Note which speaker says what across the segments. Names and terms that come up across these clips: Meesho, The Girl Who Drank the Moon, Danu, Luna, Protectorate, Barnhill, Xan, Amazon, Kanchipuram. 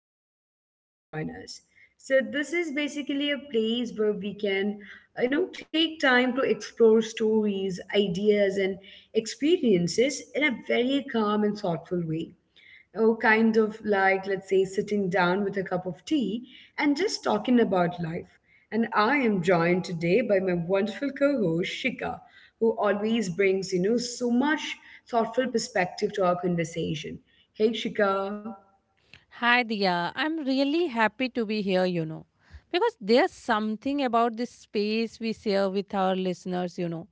Speaker 1: glad that you could join us. So, this is basically a place where we can, take time to explore stories, ideas, and experiences in a very calm and thoughtful way. Oh, kind of like let's say sitting down with a cup of tea and just talking about life. And I am joined today by my wonderful co-host Shika, who always brings so much thoughtful perspective to our conversation. Hey Shika.
Speaker 2: Hi, Diya. I'm really happy to be here, you know, because there's something about this space we share with our listeners, you know.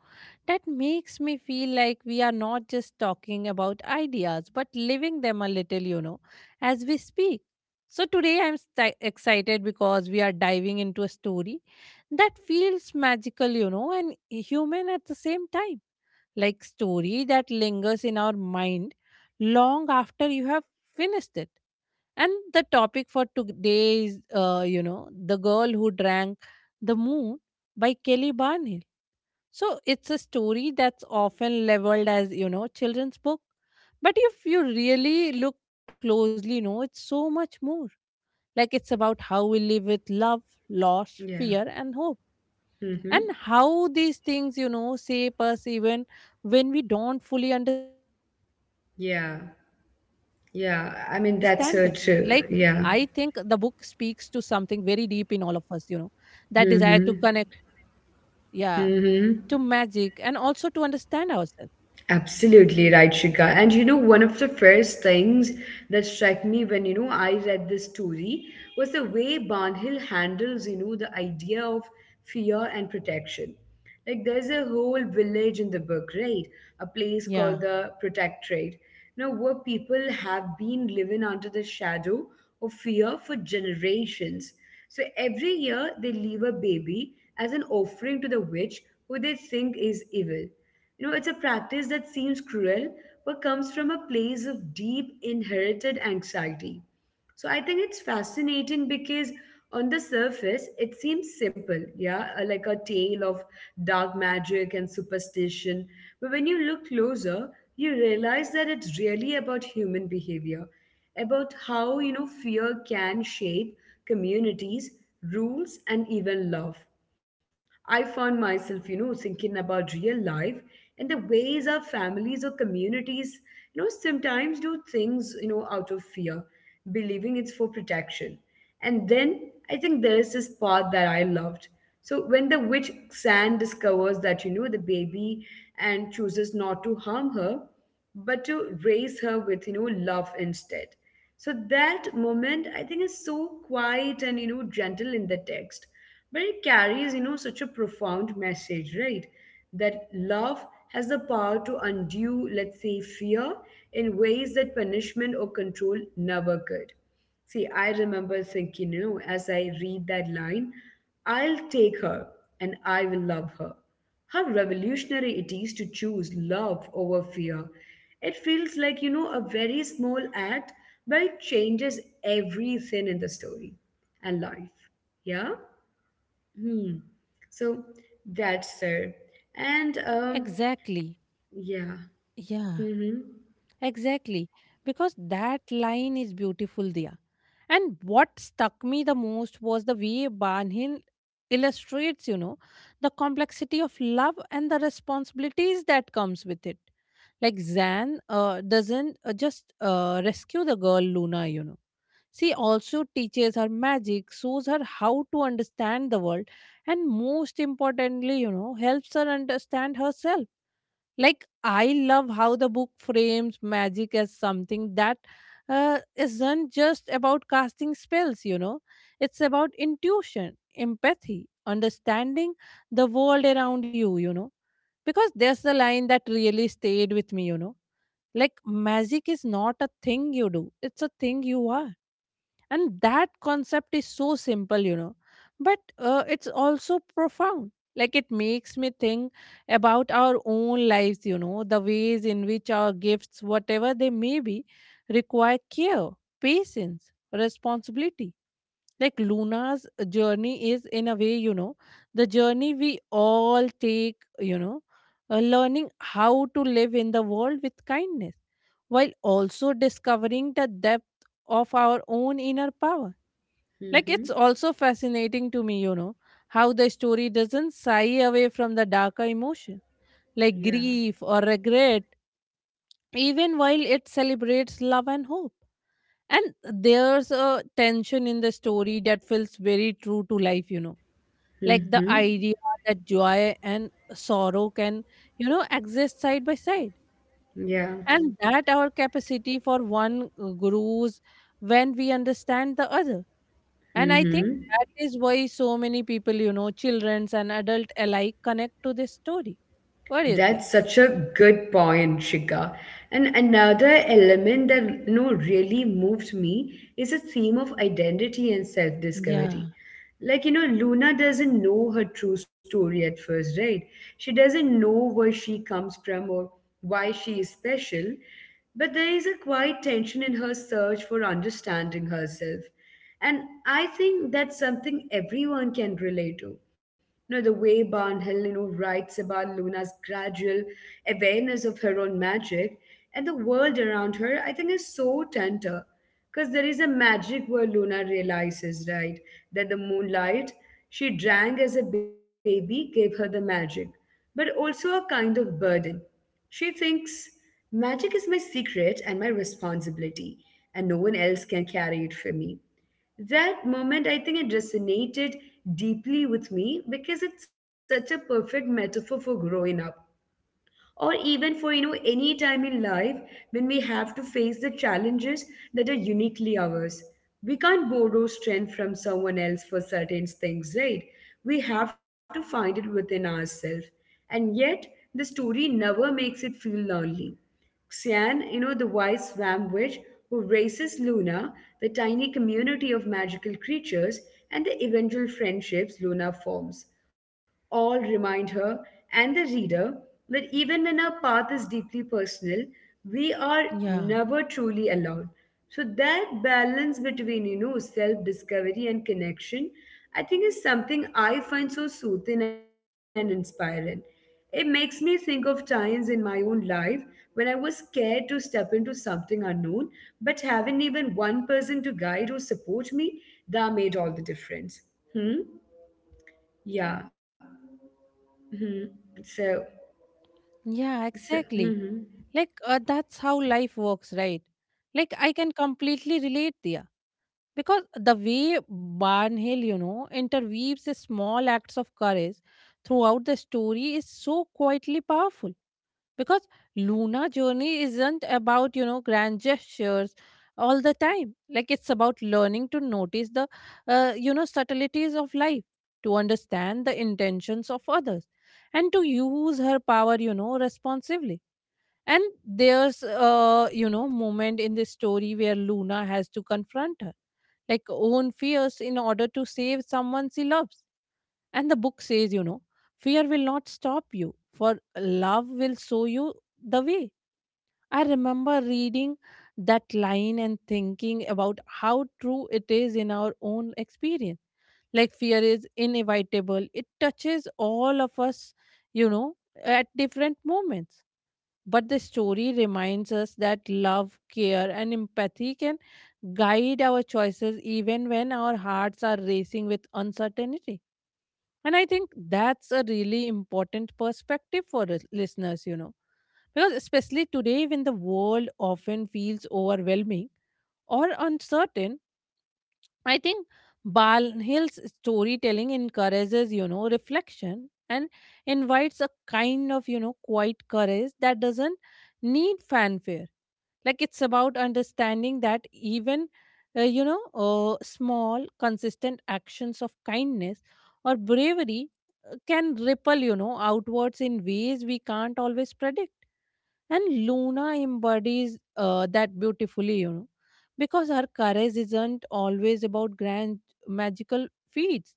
Speaker 2: That makes me feel like we are not just talking about ideas, but living them a little, you know, as we speak. So today I'm sti excited because we are diving into a story that feels magical, you know, and human at the same time. Like story that lingers in our mind long after you have finished it. And the topic for today is, you know, The Girl Who Drank the Moon by Kelly Barnes. So it's a story that's often leveled as, you know, children's book. But if you really look closely, you know, it's so much more. Like it's about how we live with love, loss,
Speaker 1: Yeah.
Speaker 2: fear, and hope. And
Speaker 1: Mm-hmm.
Speaker 2: how these things, you know, shape us even when we don't fully understand them. Like,
Speaker 1: Yeah,
Speaker 2: I think the book
Speaker 1: yeah, I
Speaker 2: speaks
Speaker 1: mean
Speaker 2: to
Speaker 1: that's so
Speaker 2: something very
Speaker 1: true.
Speaker 2: deep in
Speaker 1: Yeah.
Speaker 2: all of us, you know, that desire to connect, yeah,
Speaker 1: Mm-hmm.
Speaker 2: to magic and also to
Speaker 1: Mm-hmm.
Speaker 2: understand ourselves.
Speaker 1: Absolutely right, Shika. And you know, one of the first things that struck me when I read this story was the way Barnhill handles the idea of fear and protection. Like there's a whole village in the book, right? A place called
Speaker 2: Yeah.
Speaker 1: the Protectorate. Now, where people have been living under the shadow of fear for generations. So every year they leave a baby as an offering to the witch who they think is evil. You know, it's a practice that seems cruel, but comes from a place of deep inherited anxiety. So I think it's fascinating because on the surface, it seems simple, yeah, like a tale of dark magic and superstition. But when you look closer, you realize that it's really about human behavior, about how, you know, fear can shape communities, rules, and even love. I found myself, you know, thinking about real life and the ways our families or communities, you know, sometimes do things, you know, out of fear, believing it's for protection. And then I think there is this part that I loved. So when the witch Xan discovers that, you know, the baby and chooses not to harm her, but to raise her with, you know, love instead. So that moment, I think, is so quiet and, you know, gentle in the text. But it carries, you know, such a profound message, right? That love has the power to undo, let's say, fear in ways that punishment or control never could. See, I remember thinking, you know, as I read that line, I'll take her and I will love her, how revolutionary it is to choose love over fear. It feels like, you know, a very small act, but it changes everything in the story and life. Yeah? Hmm. So that's it. And,
Speaker 2: Exactly.
Speaker 1: um, yeah.
Speaker 2: Yeah,
Speaker 1: Mm
Speaker 2: exactly. Because that line is beautiful, Dia. And what stuck me the most was the way Banhin illustrates, you know, the complexity of love and the responsibilities that comes with it. Like Zan doesn't just rescue the girl Luna, you know. She also teaches her magic, shows her how to understand the world, and most importantly, you know, helps her understand herself. Like, I love how the book frames magic as something that isn't just about casting spells, you know, it's about intuition, empathy, understanding the world around you, you know, because there's the line that really stayed with me, you know. Like, magic is not a thing you do, it's a thing you are, and that concept is so simple, you know, but it's also profound. Like it makes me think about our own lives, you know, the ways in which our gifts, whatever they may be, require care, patience, responsibility. Like Luna's journey is, in a way, you know, the journey we all take, you know, learning how to live in the world with kindness while also discovering the depth of our own inner power.
Speaker 1: hmm. Mm
Speaker 2: Like it's
Speaker 1: hmm.
Speaker 2: also fascinating to me, you know, how the story doesn't shy away from the darker emotion, like
Speaker 1: Yeah.
Speaker 2: grief or regret, even while it celebrates love and hope. And there's a tension in the story that feels very true to life, you know,
Speaker 1: Mm
Speaker 2: like the
Speaker 1: hmm.
Speaker 2: idea that joy and sorrow can, you know, exist side by side,
Speaker 1: Yeah.
Speaker 2: and that our capacity for one grows when we understand the other. And I
Speaker 1: Mm
Speaker 2: think
Speaker 1: hmm.
Speaker 2: that is why so many people, you know, children's and adult alike, connect to this story. What do you
Speaker 1: That's
Speaker 2: think?
Speaker 1: such a good point, Shika. And another element that you know really moved me is a theme of identity and self-discovery.
Speaker 2: Yeah,
Speaker 1: Like, you know, Luna doesn't know her true story at first, right? She doesn't know where she comes from or why she is special, but there is a quiet tension in her search for understanding herself. And I think that's something everyone can relate to. You know, the way Barnhill, you know, writes about Luna's gradual awareness of her own magic and the world around her, I think is so tender. Because there is a magic where Luna realizes, right, that the moonlight she drank as a baby gave her the magic, but also a kind of burden. She thinks, magic is my secret and my responsibility, and no one else can carry it for me. That moment, I think it resonated deeply with me because it's such a perfect metaphor for growing up. Or even for, you know, any time in life when we have to face the challenges that are uniquely ours. We can't borrow strength from someone else for certain things, right? We have to find it within ourselves. And yet, the story never makes it feel lonely. Xian, you know, the wise swam witch who raises Luna, the tiny community of magical creatures, and the eventual friendships Luna forms, all remind her and the reader that even when our path is deeply personal, we are
Speaker 2: yeah,
Speaker 1: never truly alone. So that balance between, you know, self-discovery and connection, I think is something I find so soothing and inspiring. It makes me think of times in my own life when I was scared to step into something unknown, but having even one person to guide or support me, that made all the difference. Hmm? Yeah. Hmm.
Speaker 2: yeah,
Speaker 1: So,
Speaker 2: exactly. Like that's
Speaker 1: so,
Speaker 2: how life
Speaker 1: mm-hmm.
Speaker 2: works, right? Like I can completely relate there. Because the way Barnhill, you know, interweaves the small acts of courage throughout the story is so quietly powerful. Because Luna's journey isn't about, you know, grand gestures all the time. Like it's about learning to notice the, you know, subtleties of life, to understand the intentions of others, and to use her power, you know, responsively. And there's a, you know, moment in the story where Luna has to confront her, like, own fears in order to save someone she loves. And the book says, you know, fear will not stop you, for love will show you the way. I remember reading that line and thinking about how true it is in our own experience. Like fear is inevitable, it touches all of us, you know, at different moments. But the story reminds us that love, care, and empathy can guide our choices even when our hearts are racing with uncertainty. And I think that's a really important perspective for the listeners, you know, because especially today when the world often feels overwhelming or uncertain, I think Balnill's storytelling encourages, you know, reflection and invites a kind of, you know, quiet courage that doesn't need fanfare. Like it's about understanding that even, you know, small, consistent actions of kindness or bravery can ripple, you know, outwards in ways we can't always predict. And Luna embodies that beautifully, you know, because her courage isn't always about grand magical feats.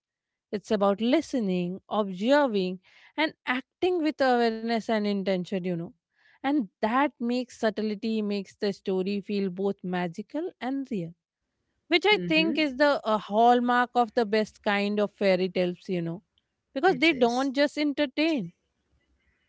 Speaker 2: It's about listening, observing, and acting with awareness and intention, you know. And that makes subtlety, makes the story feel both magical and real, which I think is
Speaker 1: Mm-hmm.
Speaker 2: the hallmark of the best kind of fairy tales, you know, because they
Speaker 1: It
Speaker 2: don't
Speaker 1: is.
Speaker 2: just entertain,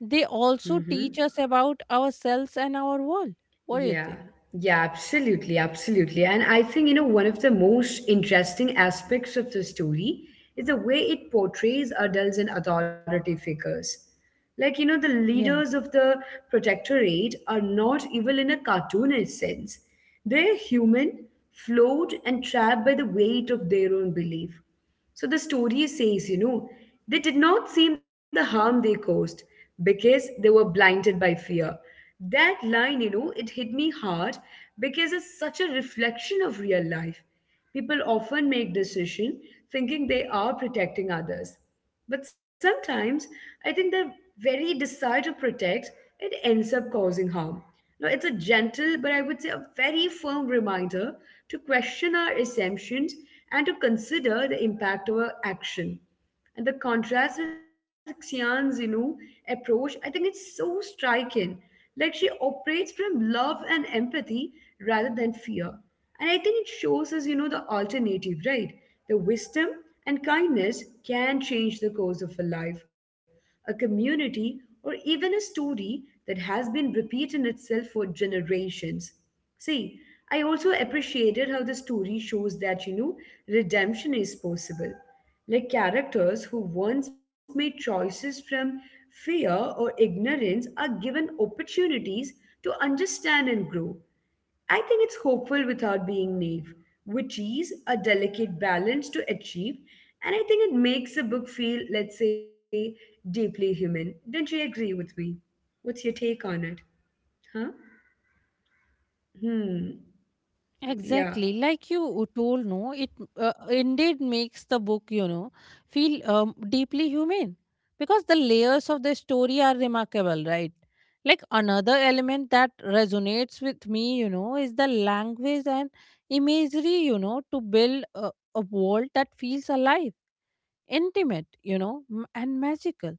Speaker 2: they also teach us about ourselves and our world.
Speaker 1: Yeah,
Speaker 2: What do you think?
Speaker 1: yeah, absolutely, absolutely. And I think, you know, one of the most interesting aspects of the story is the way it portrays adults and authority figures. Like, you know, the
Speaker 2: Yeah,
Speaker 1: leaders of the protectorate are not evil in a cartoonish sense. They're human, flawed, and trapped by the weight of their own belief. So the story says, you know, they did not see the harm they caused because they were blinded by fear. That line, you know, it hit me hard because it's such a reflection of real life. People often make decisions thinking they are protecting others. But sometimes I think the very desire to protect, it ends up causing harm. Now it's a gentle, but I would say a very firm reminder to question our assumptions and to consider the impact of our action. And the contrast with Xian Zinu's approach, I think it's so striking. Like she operates from love and empathy rather than fear. And I think it shows us, you know, the alternative, right? The wisdom and kindness can change the course of a life, a community, or even a story that has been repeating itself for generations. See, I also appreciated how the story shows that, you know, redemption is possible, like characters who once made choices from fear or ignorance are given opportunities to understand and grow. I think it's hopeful without being naive, which is a delicate balance to achieve. And I think it makes a book feel, let's say, deeply human. Don't you agree with me? What's your take on it? Huh? Hmm.
Speaker 2: exactly.
Speaker 1: Yeah.
Speaker 2: Like you told, no, it indeed makes the book, you know, feel deeply human because the layers of the story are remarkable, right? Like another element that resonates with me, you know, is the language and imagery, you know, to build a world that feels alive, intimate, you know, and magical.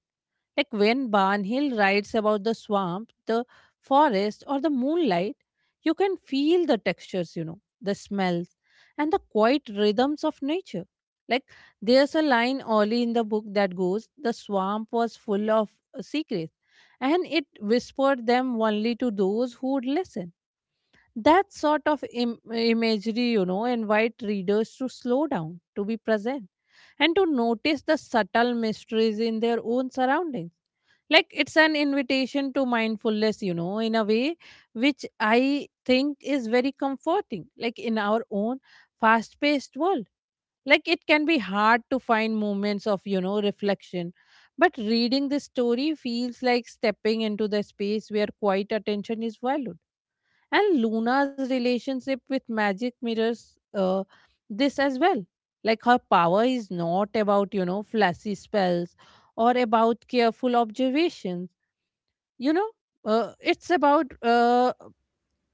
Speaker 2: Like when Barnhill writes about the swamp, the forest, or the moonlight, you can feel the textures, you know, the smells, and the quiet rhythms of nature. Like there's a line early in the book that goes, the swamp was full of secrets, and it whispered them only to those who would listen. That sort of imagery, you know, invite readers to slow down, to be present, and to notice the subtle mysteries in their own surroundings. Like it's an invitation to mindfulness, you know, in a way, which I think is very comforting, like in our own fast paced world. Like it can be hard to find moments of, you know, reflection. But reading this story feels like stepping into the space where quiet attention is valued. And Luna's relationship with magic mirrors this as well. Like her power is not about, you know, flashy spells or about careful observations, you know, it's about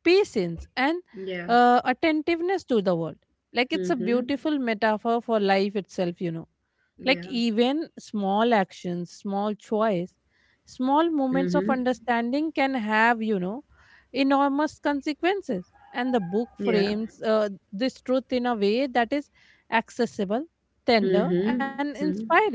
Speaker 2: patience and
Speaker 1: Yeah.
Speaker 2: attentiveness to the world. Like it's a
Speaker 1: Mm-hmm.
Speaker 2: beautiful metaphor for life itself, you know. Like
Speaker 1: Yeah.
Speaker 2: even small actions, small choice, small moments of
Speaker 1: Mm-hmm.
Speaker 2: understanding can have, you know, enormous consequences. And the book
Speaker 1: Yeah.
Speaker 2: frames this truth in a way that is accessible, tender,
Speaker 1: Mm-hmm.
Speaker 2: and
Speaker 1: Hmm.
Speaker 2: inspiring.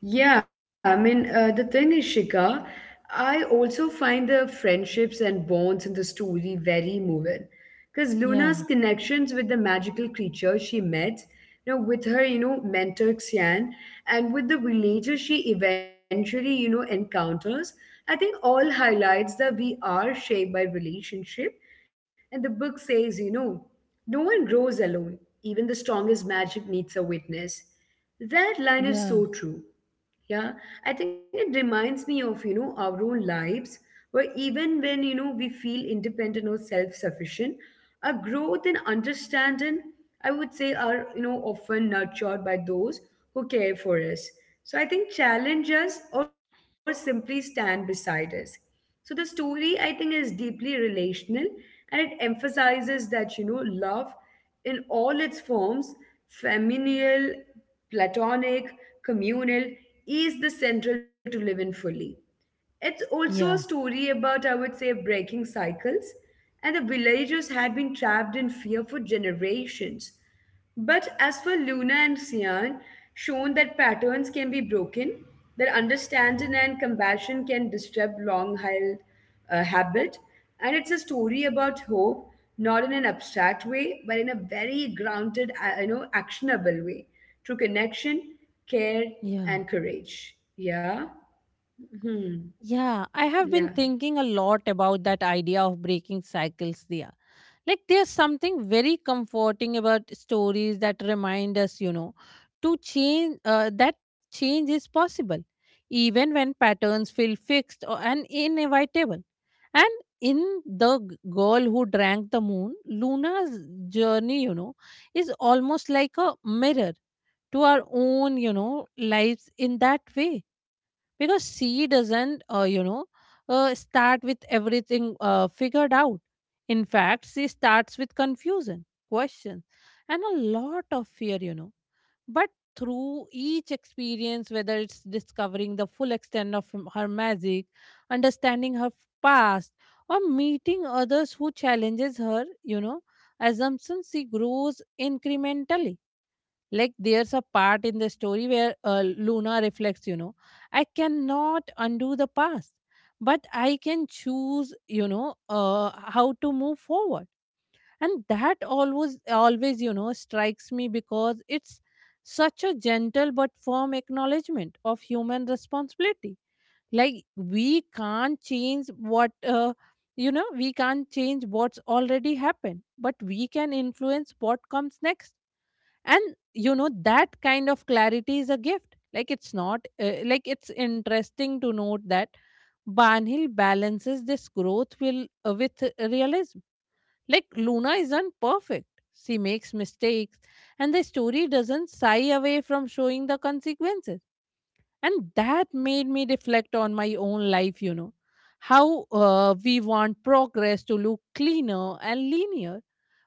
Speaker 1: Yeah, the thing is, Shika, I also find the friendships and bonds in the story very moving. Because Luna's
Speaker 2: Yeah,
Speaker 1: connections with the magical creature she met, you know, with her, you know, mentor Xian, and with the villager she eventually, you know, encounters, I think all highlights that we are shaped by relationship. And the book says, you know, no one grows alone. Even the strongest magic needs a witness. That line is
Speaker 2: yeah,
Speaker 1: so true. Yeah, I think it reminds me of, you know, our own lives, where even when, you know, we feel independent or self-sufficient, our growth and understanding, I would say, are, you know, often nurtured by those who care for us. So I think challenge us or simply stand beside us. So the story, I think, is deeply relational and it emphasizes that, you know, love in all its forms, familial, platonic, communal, is the central to live in fully. It's also a
Speaker 2: yeah,
Speaker 1: story about, I would say, breaking cycles, and the villagers had been trapped in fear for generations. But as for Luna and Xian, shown that patterns can be broken, that understanding and compassion can disrupt long held habit, and it's a story about hope, not in an abstract way, but in a very grounded, you know, actionable way, through connection, care,
Speaker 2: yeah.
Speaker 1: and courage. Yeah. Hmm.
Speaker 2: Yeah, I have been
Speaker 1: Yeah.
Speaker 2: thinking a lot about that idea of breaking cycles, Dia. Like there's something very comforting about stories that remind us, you know, to change, that change is possible, even when patterns feel fixed or, and inevitable. And in the girl who drank the moon, Luna's journey, you know, is almost like a mirror to our own, you know, lives in that way, because she doesn't you know, start with everything figured out. In fact, she starts with confusion, questions, and a lot of fear, you know. But through each experience, whether it's discovering the full extent of her magic, understanding her past, or meeting others who challenges her, you know, assumptions, she grows incrementally. Like there's a part in the story where Luna reflects, you know, I cannot undo the past, but I can choose, you know, how to move forward. And that always, always, you know, strikes me because it's such a gentle but firm acknowledgement of human responsibility. Like we can't change what you know, we can't change what's already happened, but we can influence what comes next. And you know, that kind of clarity is a gift. Like it's not like it's interesting to note that Barnhill balances this growth will, with realism. Like Luna isn't perfect. She makes mistakes, and the story doesn't shy away from showing the consequences. And that made me reflect on my own life, you know, how we want progress to look cleaner and linear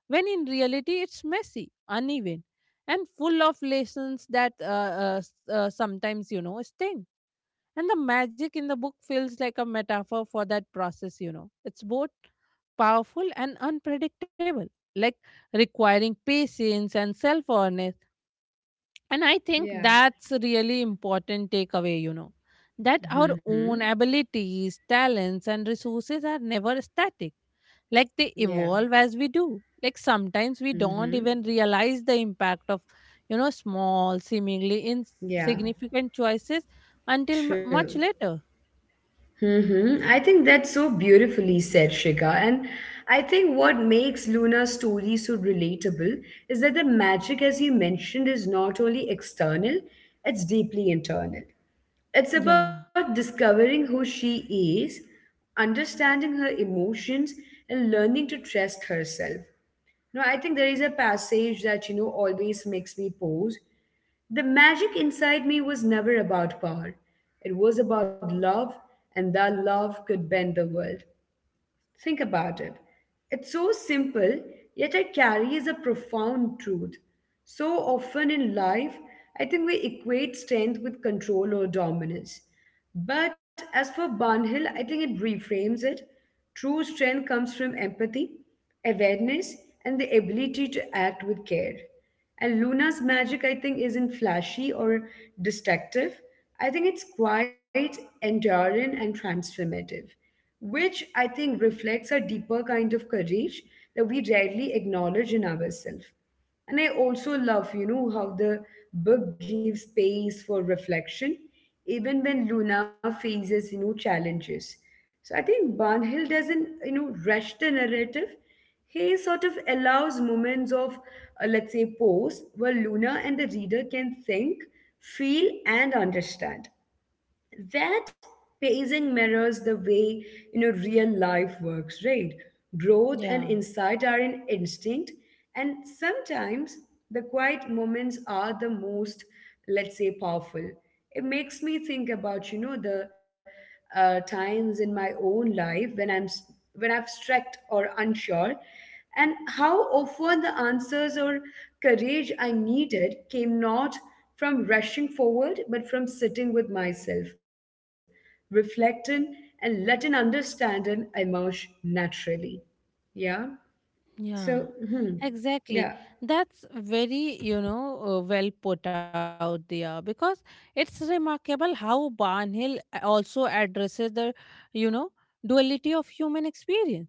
Speaker 2: when in reality it's messy, uneven, and full of lessons that sometimes, you know, sting. And the magic in the book feels like a metaphor for that process, you know. It's both powerful and unpredictable, like requiring patience and self awareness. And I think
Speaker 1: Yeah.
Speaker 2: that's a really important takeaway, you know, that our own
Speaker 1: Mm-hmm.
Speaker 2: abilities, talents, and resources are never static. Like they
Speaker 1: Yeah.
Speaker 2: evolve as we do. Like sometimes we don't
Speaker 1: Mm-hmm.
Speaker 2: even realize the impact of, you know, small, seemingly
Speaker 1: Yeah.
Speaker 2: insignificant choices until much
Speaker 1: True.
Speaker 2: later.
Speaker 1: Mm-hmm. I think that's so beautifully said, Shika. And I think what makes Luna's story so relatable is that the magic, as you mentioned, is not only external, it's deeply internal.
Speaker 2: Yeah,
Speaker 1: It's about discovering who she is, understanding her emotions, and learning to trust herself. No, I think there is a passage that, you know, always makes me pause. The magic inside me was never about power. It was about love, and that love could bend the world. Think about it. It's so simple, yet it carries a profound truth. So often in life, I think we equate strength with control or dominance. But as for Barnhill, I think it reframes it. True strength comes from empathy, awareness, and the ability to act with care. And Luna's magic, I think, isn't flashy or destructive. I think it's quite enduring and transformative, which I think reflects a deeper kind of courage that we rarely acknowledge in ourselves. And I also love, you know, how the book gives space for reflection, even when Luna faces, you know, challenges. So I think Barnhill doesn't, you know, rush the narrative. He sort of allows moments of, let's say, pause where Luna and the reader can think, feel, and understand that pacing mirrors the way, you know, real life works, right? Growth and
Speaker 2: yeah.
Speaker 1: insight are in instinct, and sometimes the quiet moments are the most, let's say, powerful. It makes me think about, you know, the times in my own life when when I've stressed or unsure, and how often the answers or courage I needed came not from rushing forward, but from sitting with myself, reflecting, and letting understanding emerge naturally. Yeah.
Speaker 2: Yeah,
Speaker 1: So, hmm.
Speaker 2: exactly.
Speaker 1: Yeah.
Speaker 2: That's very, you know, well put out there, because it's remarkable how Barnhill also addresses the, you know, duality of human experience,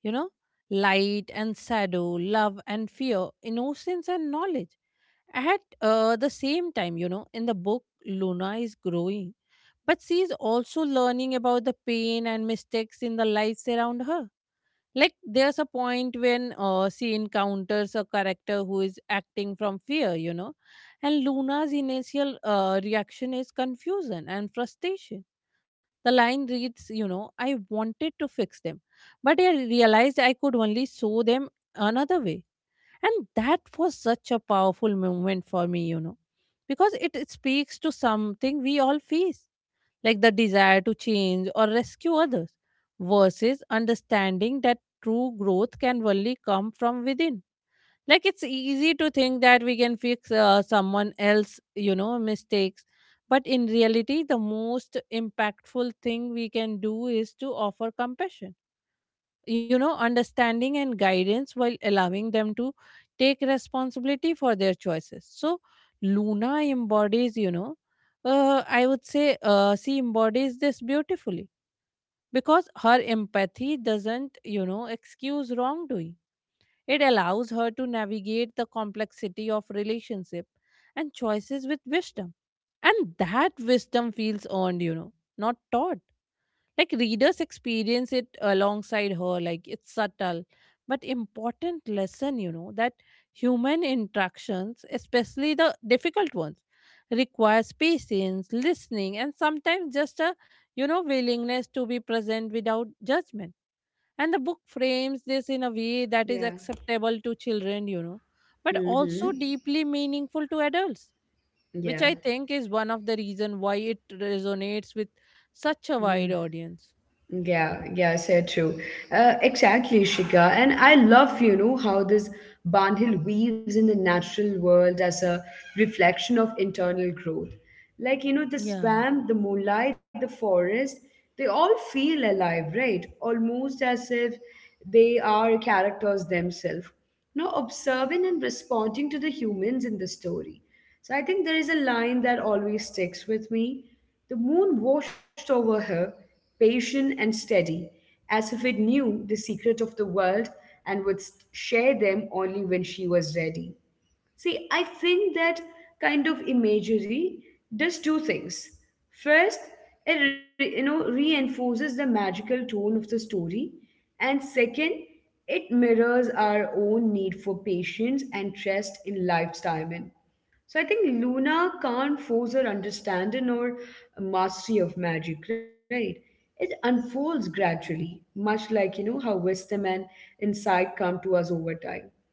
Speaker 2: you know, light and shadow, love and fear, innocence and knowledge. At the same time, you know, in the book, Luna is growing, but she is also learning about the pain and mistakes in the lives around her. Like, there's a point when she encounters a character who is acting from fear, you know, and Luna's initial reaction is confusion and frustration. The line reads, you know, I wanted to fix them, but I realized I could only show them another way. And that was such a powerful moment for me, you know, because it speaks to something we all face, like the desire to change or rescue others, versus understanding that true growth can only come from within. Like, it's easy to think that we can fix someone else, you know, mistakes. But in reality, the most impactful thing we can do is to offer compassion, you know, understanding and guidance, while allowing them to take responsibility for their choices. So Luna embodies, you know, I would say she embodies this beautifully, because her empathy doesn't, you know, excuse wrongdoing. It allows her to navigate the complexity of relationship and choices with wisdom. And that wisdom feels earned, you know, not taught. Like, readers experience it alongside her. Like, it's subtle but important lesson, you know, that human interactions, especially the difficult ones, requires patience, listening, and sometimes just a, willingness to be present without judgment. And the book frames this in a way that is
Speaker 1: Yeah.
Speaker 2: acceptable to children, you know, but also
Speaker 1: hmm
Speaker 2: deeply meaningful to adults, which I
Speaker 1: Yeah.
Speaker 2: think is one of the reason why it resonates with such a wide audience.
Speaker 1: Yeah, yeah, said true. Exactly, Shika. And I love, you know, how this Bandhil weaves in the natural world as a reflection of internal growth. Like, you
Speaker 2: Yeah,
Speaker 1: know, the swamp, the moonlight, the forest, they all feel alive, right? Almost as if they are characters themselves. You know, observing and responding to the humans in the story. So I think there is a line that always sticks with me: the moon watched over her, patient and steady, as if it knew the secret of the world and would share them only when she was ready. See, I think that kind of imagery does two things. First, you know, reinforces the magical tone of the story, and second, it mirrors our own need for patience and trust in life's timing. So I think Luna can't force her understanding or mastery of magic, right? It unfolds gradually, much like, you know, how wisdom and insight come to us over time.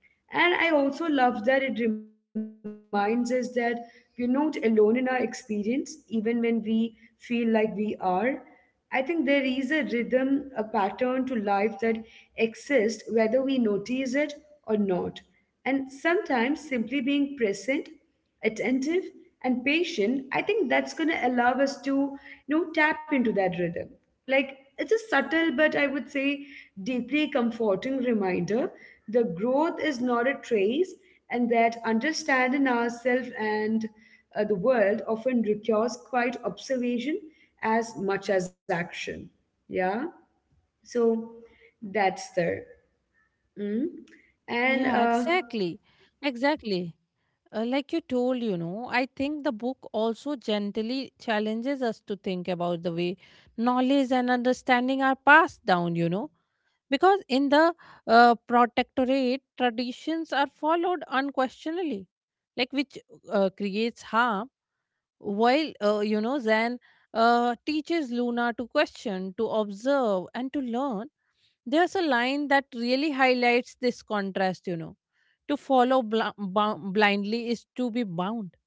Speaker 1: And I also love that it reminds us that we're not alone in our experience, even when we feel like we are. I think there is a rhythm, a pattern to life that exists whether we notice it or not. And sometimes simply being present, attentive, and patient, I think that's going to allow us to, you know, tap into that rhythm. Like it's a subtle but, I would say, deeply comforting reminder the growth is not a trace, and that understanding ourselves and the world often requires quite observation as much as action. Yeah. So that's there. mm.
Speaker 2: yeah,
Speaker 1: And
Speaker 2: exactly. Exactly. Like you told, you know, I think the book also gently challenges us to think about the way knowledge and understanding are passed down, you know, because in the protectorate, traditions are followed unquestionably, like which creates harm. While, you know, Zen teaches Luna to question, to observe, and to learn, there's a line that really highlights this contrast, you know. To follow blindly is to be bound,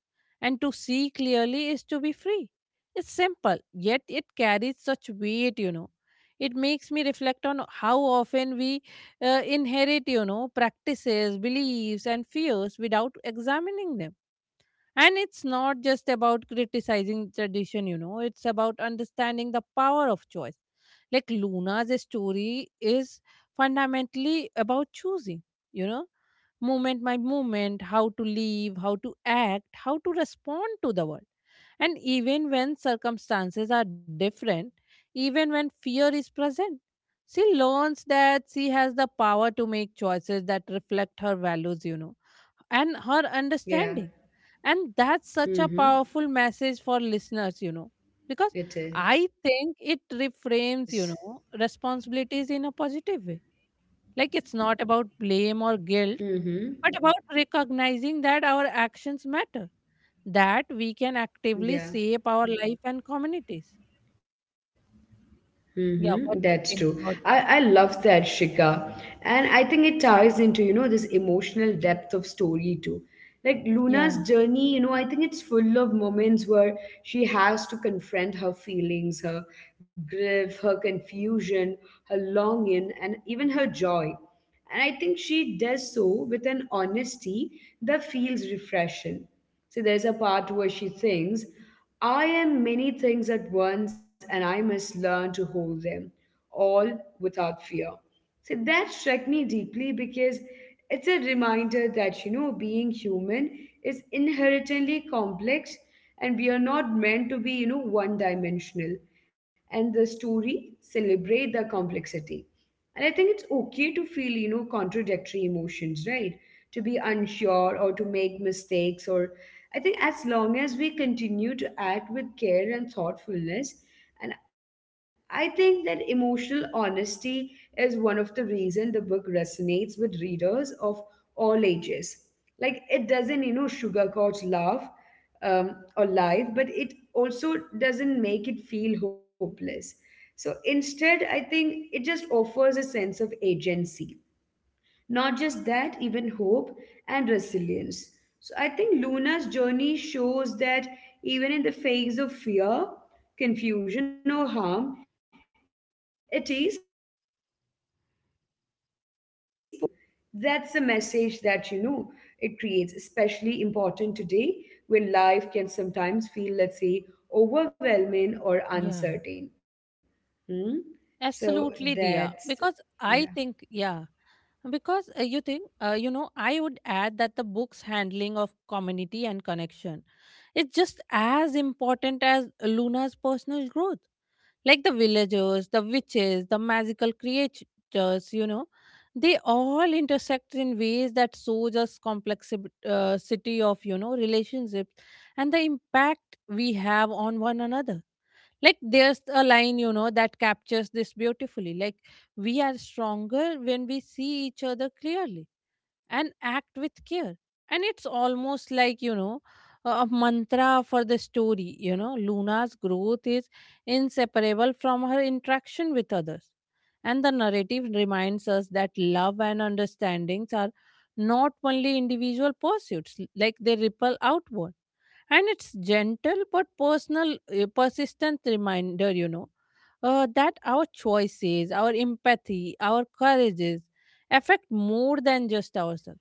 Speaker 2: and to see clearly is to be free. It's simple, yet it carries such weight, you know. It makes me reflect on how often we inherit, you know, practices, beliefs, and fears without examining them. And it's not just about criticizing tradition, you know, it's about understanding the power of choice. Like, Luna's story is fundamentally about choosing, you know, moment by moment, how to live, how to act, how to respond to the world. And even when circumstances are different, even when fear is present, she learns that she has the power to make choices that reflect her values, you know, and her understanding.
Speaker 1: Yeah.
Speaker 2: And that's such a powerful
Speaker 1: Mm-hmm.
Speaker 2: message for listeners, you know, because
Speaker 1: It
Speaker 2: I
Speaker 1: is.
Speaker 2: think it reframes, you know, responsibilities in a positive way. Like, it's not about blame or
Speaker 1: Mm-hmm.
Speaker 2: guilt, but about recognizing that our actions matter, that we can actively
Speaker 1: Yeah.
Speaker 2: shape our life and communities.
Speaker 1: Mm-hmm.
Speaker 2: Yeah,
Speaker 1: That's
Speaker 2: what
Speaker 1: true.
Speaker 2: do you think
Speaker 1: I
Speaker 2: about that?
Speaker 1: love that, Shika. And I think it ties into, you know, this emotional depth of story too. Like Luna's
Speaker 2: Yeah,
Speaker 1: journey, you know, I think it's full of moments where she has to confront her feelings, her grief, her confusion, her longing, and even her joy. And I think she does so with an honesty that feels refreshing. So there's a part where she thinks I am many things at once and I must learn to hold them all without fear. So that struck me deeply because it's a reminder that, you know, being human is inherently complex, and we are not meant to be, you know, one dimensional. And the story celebrate the complexity. And I think it's okay to feel, you know, contradictory emotions, right? To be unsure or to make mistakes, or I think as long as we continue to act with care and thoughtfulness, and I think that emotional honesty is one of the reason the book resonates with readers of all ages. Like it doesn't, you know, sugarcoat love or life, but it also doesn't make it feel hopeless. So instead, I think it just offers a sense of agency, not just that, even hope and resilience. So I think Luna's journey shows that even in the face of fear, confusion, or harm, it is possible to act with love, to create change, and to grow. That's a message that, you know, it creates, especially important today when life can sometimes feel, let's say, overwhelming
Speaker 2: yeah.
Speaker 1: or uncertain. Hmm?
Speaker 2: Absolutely,
Speaker 1: So
Speaker 2: Dia. Because
Speaker 1: that's,
Speaker 2: I think,
Speaker 1: yeah.
Speaker 2: yeah, because you think, you know, I would add that the book's handling of community and connection is just as important as Luna's personal growth. Like, the villagers, the witches, the magical creatures, you know, they all intersect in ways that shows us complexity of, you know, relationships and the impact we have on one another. Like, there's a line, you know, that captures this beautifully. Like, we are stronger when we see each other clearly and act with care. And it's almost like, you know, a mantra for the story. You know, Luna's growth is inseparable from her interaction with others, and the narrative reminds us that love and understandings are not only individual pursuits. Like, they ripple outward. And it's gentle but personal, persistent reminder, you know, that our choices, our empathy, our courages affect more than just ourselves.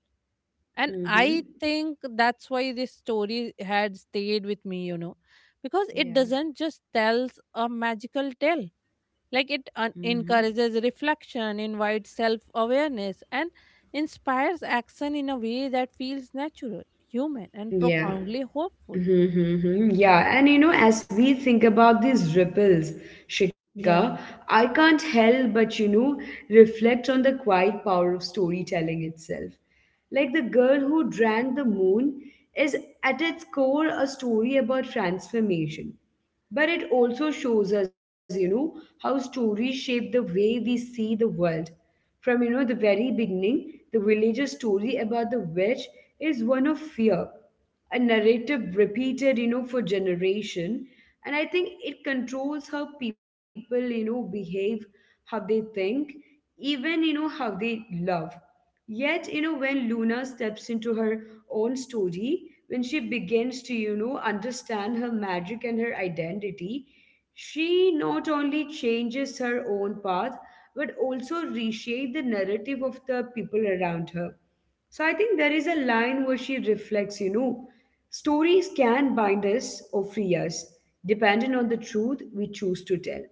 Speaker 2: And I
Speaker 1: Mm-hmm.
Speaker 2: think that's why this story had stayed with me, you know, because it
Speaker 1: Yeah.
Speaker 2: doesn't just tells a magical tale. Like, it
Speaker 1: hmm
Speaker 2: encourages reflection, invites self-awareness, and inspires action in a way that feels natural, human, and
Speaker 1: Yeah.
Speaker 2: profoundly hopeful.
Speaker 1: Mm-hmm. Yeah. And you know, as we think about these ripples, Shika,
Speaker 2: Yeah,
Speaker 1: I can't help but, you know, reflect on the quiet power of storytelling itself. Like the girl who drank the moon is at its core a story about transformation. But it also shows us, you know, how stories shape the way we see the world. From, you know, the very beginning, the villager's story about the witch is one of fear, a narrative repeated, you know, for generation. And I think it controls how people, you know, behave, how they think, even, you know, how they love. Yet, you know, when Luna steps into her own story, when she begins to, you know, understand her magic and her identity, she not only changes her own path, but also reshapes the narrative of the people around her. So I think there is a line where she reflects, you know, stories can bind us or free us, depending on the truth we choose to tell.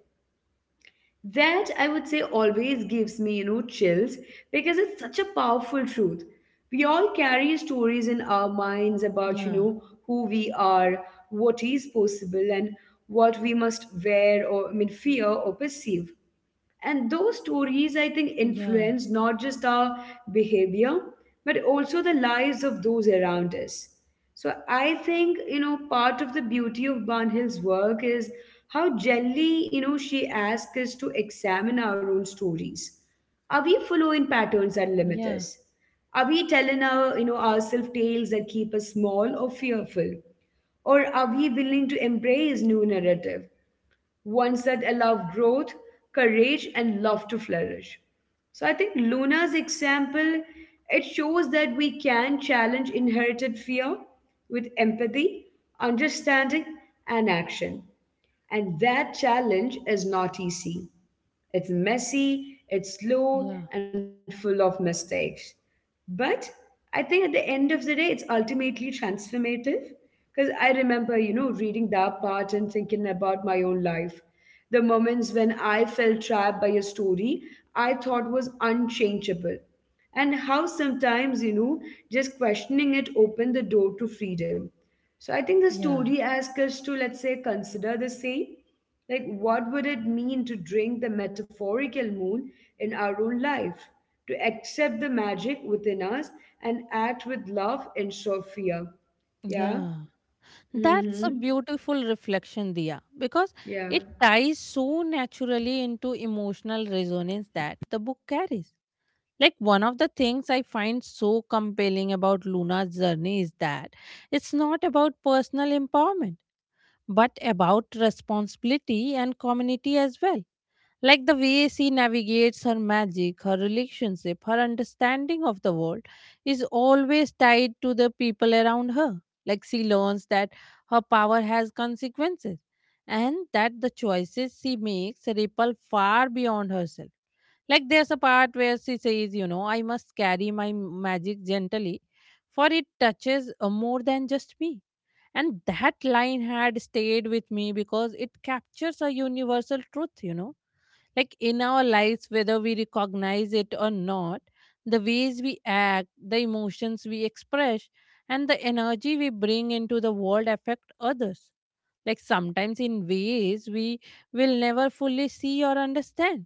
Speaker 1: That, I would say, always gives me, you know, chills, because it's such a powerful truth. We all carry stories in our
Speaker 2: yeah,
Speaker 1: minds about, you know, who we are, what is possible, and what we must wear, or I mean fear or perceive. And those stories, I think,
Speaker 2: yeah,
Speaker 1: influence not just our behavior, but also the lives of those around us. So I think, you know, part of the beauty of Barnhill's work is how gently, you know, she asks us to examine our own stories. Are we following patterns that
Speaker 2: yeah,
Speaker 1: limit us? Are we telling our, you know, ourselves tales that keep us small or fearful? Or are we willing to embrace new narrative? Ones that allow growth, courage, and love to flourish. So I think Luna's example, it shows that we can challenge inherited fear with empathy, understanding, and action. And that challenge is not easy. It's messy, it's
Speaker 2: yeah.
Speaker 1: slow, and full of mistakes. But I think at the end of the day, it's ultimately
Speaker 2: Exactly.
Speaker 1: transformative. Because I remember, you know, reading that part and thinking about my own life. The moments when I felt trapped by a story I thought was unchangeable, and how sometimes, you know, just questioning it opened the door to freedom. So I think the
Speaker 2: Yeah,
Speaker 1: story asks us to, let's say, consider the same. Like what would it mean to drink the metaphorical moon in our own life, to accept the magic within us and act with love instead of fear? Yeah.
Speaker 2: yeah. That's a
Speaker 1: Mm-hmm.
Speaker 2: beautiful reflection, Dia, because it
Speaker 1: Yeah.
Speaker 2: ties so naturally into emotional resonance that the book carries. Like, one of the things I find so compelling about Luna's journey is that it's not about personal empowerment, but about responsibility and community as well. Like, the way she navigates her magic, her relationship, her understanding of the world is always tied to the people around her. Like, she learns that her power has consequences and that the choices she makes ripple far beyond herself. Like, there's a part where she says, you know, I must carry my magic gently, for it touches more than just me. And that line had stayed with me because it captures a universal truth, you know. Like, in our lives, whether we recognize it or not, the ways we act, the emotions we express, and the energy we bring into the world affect others. Like, sometimes in ways we will never fully see or understand.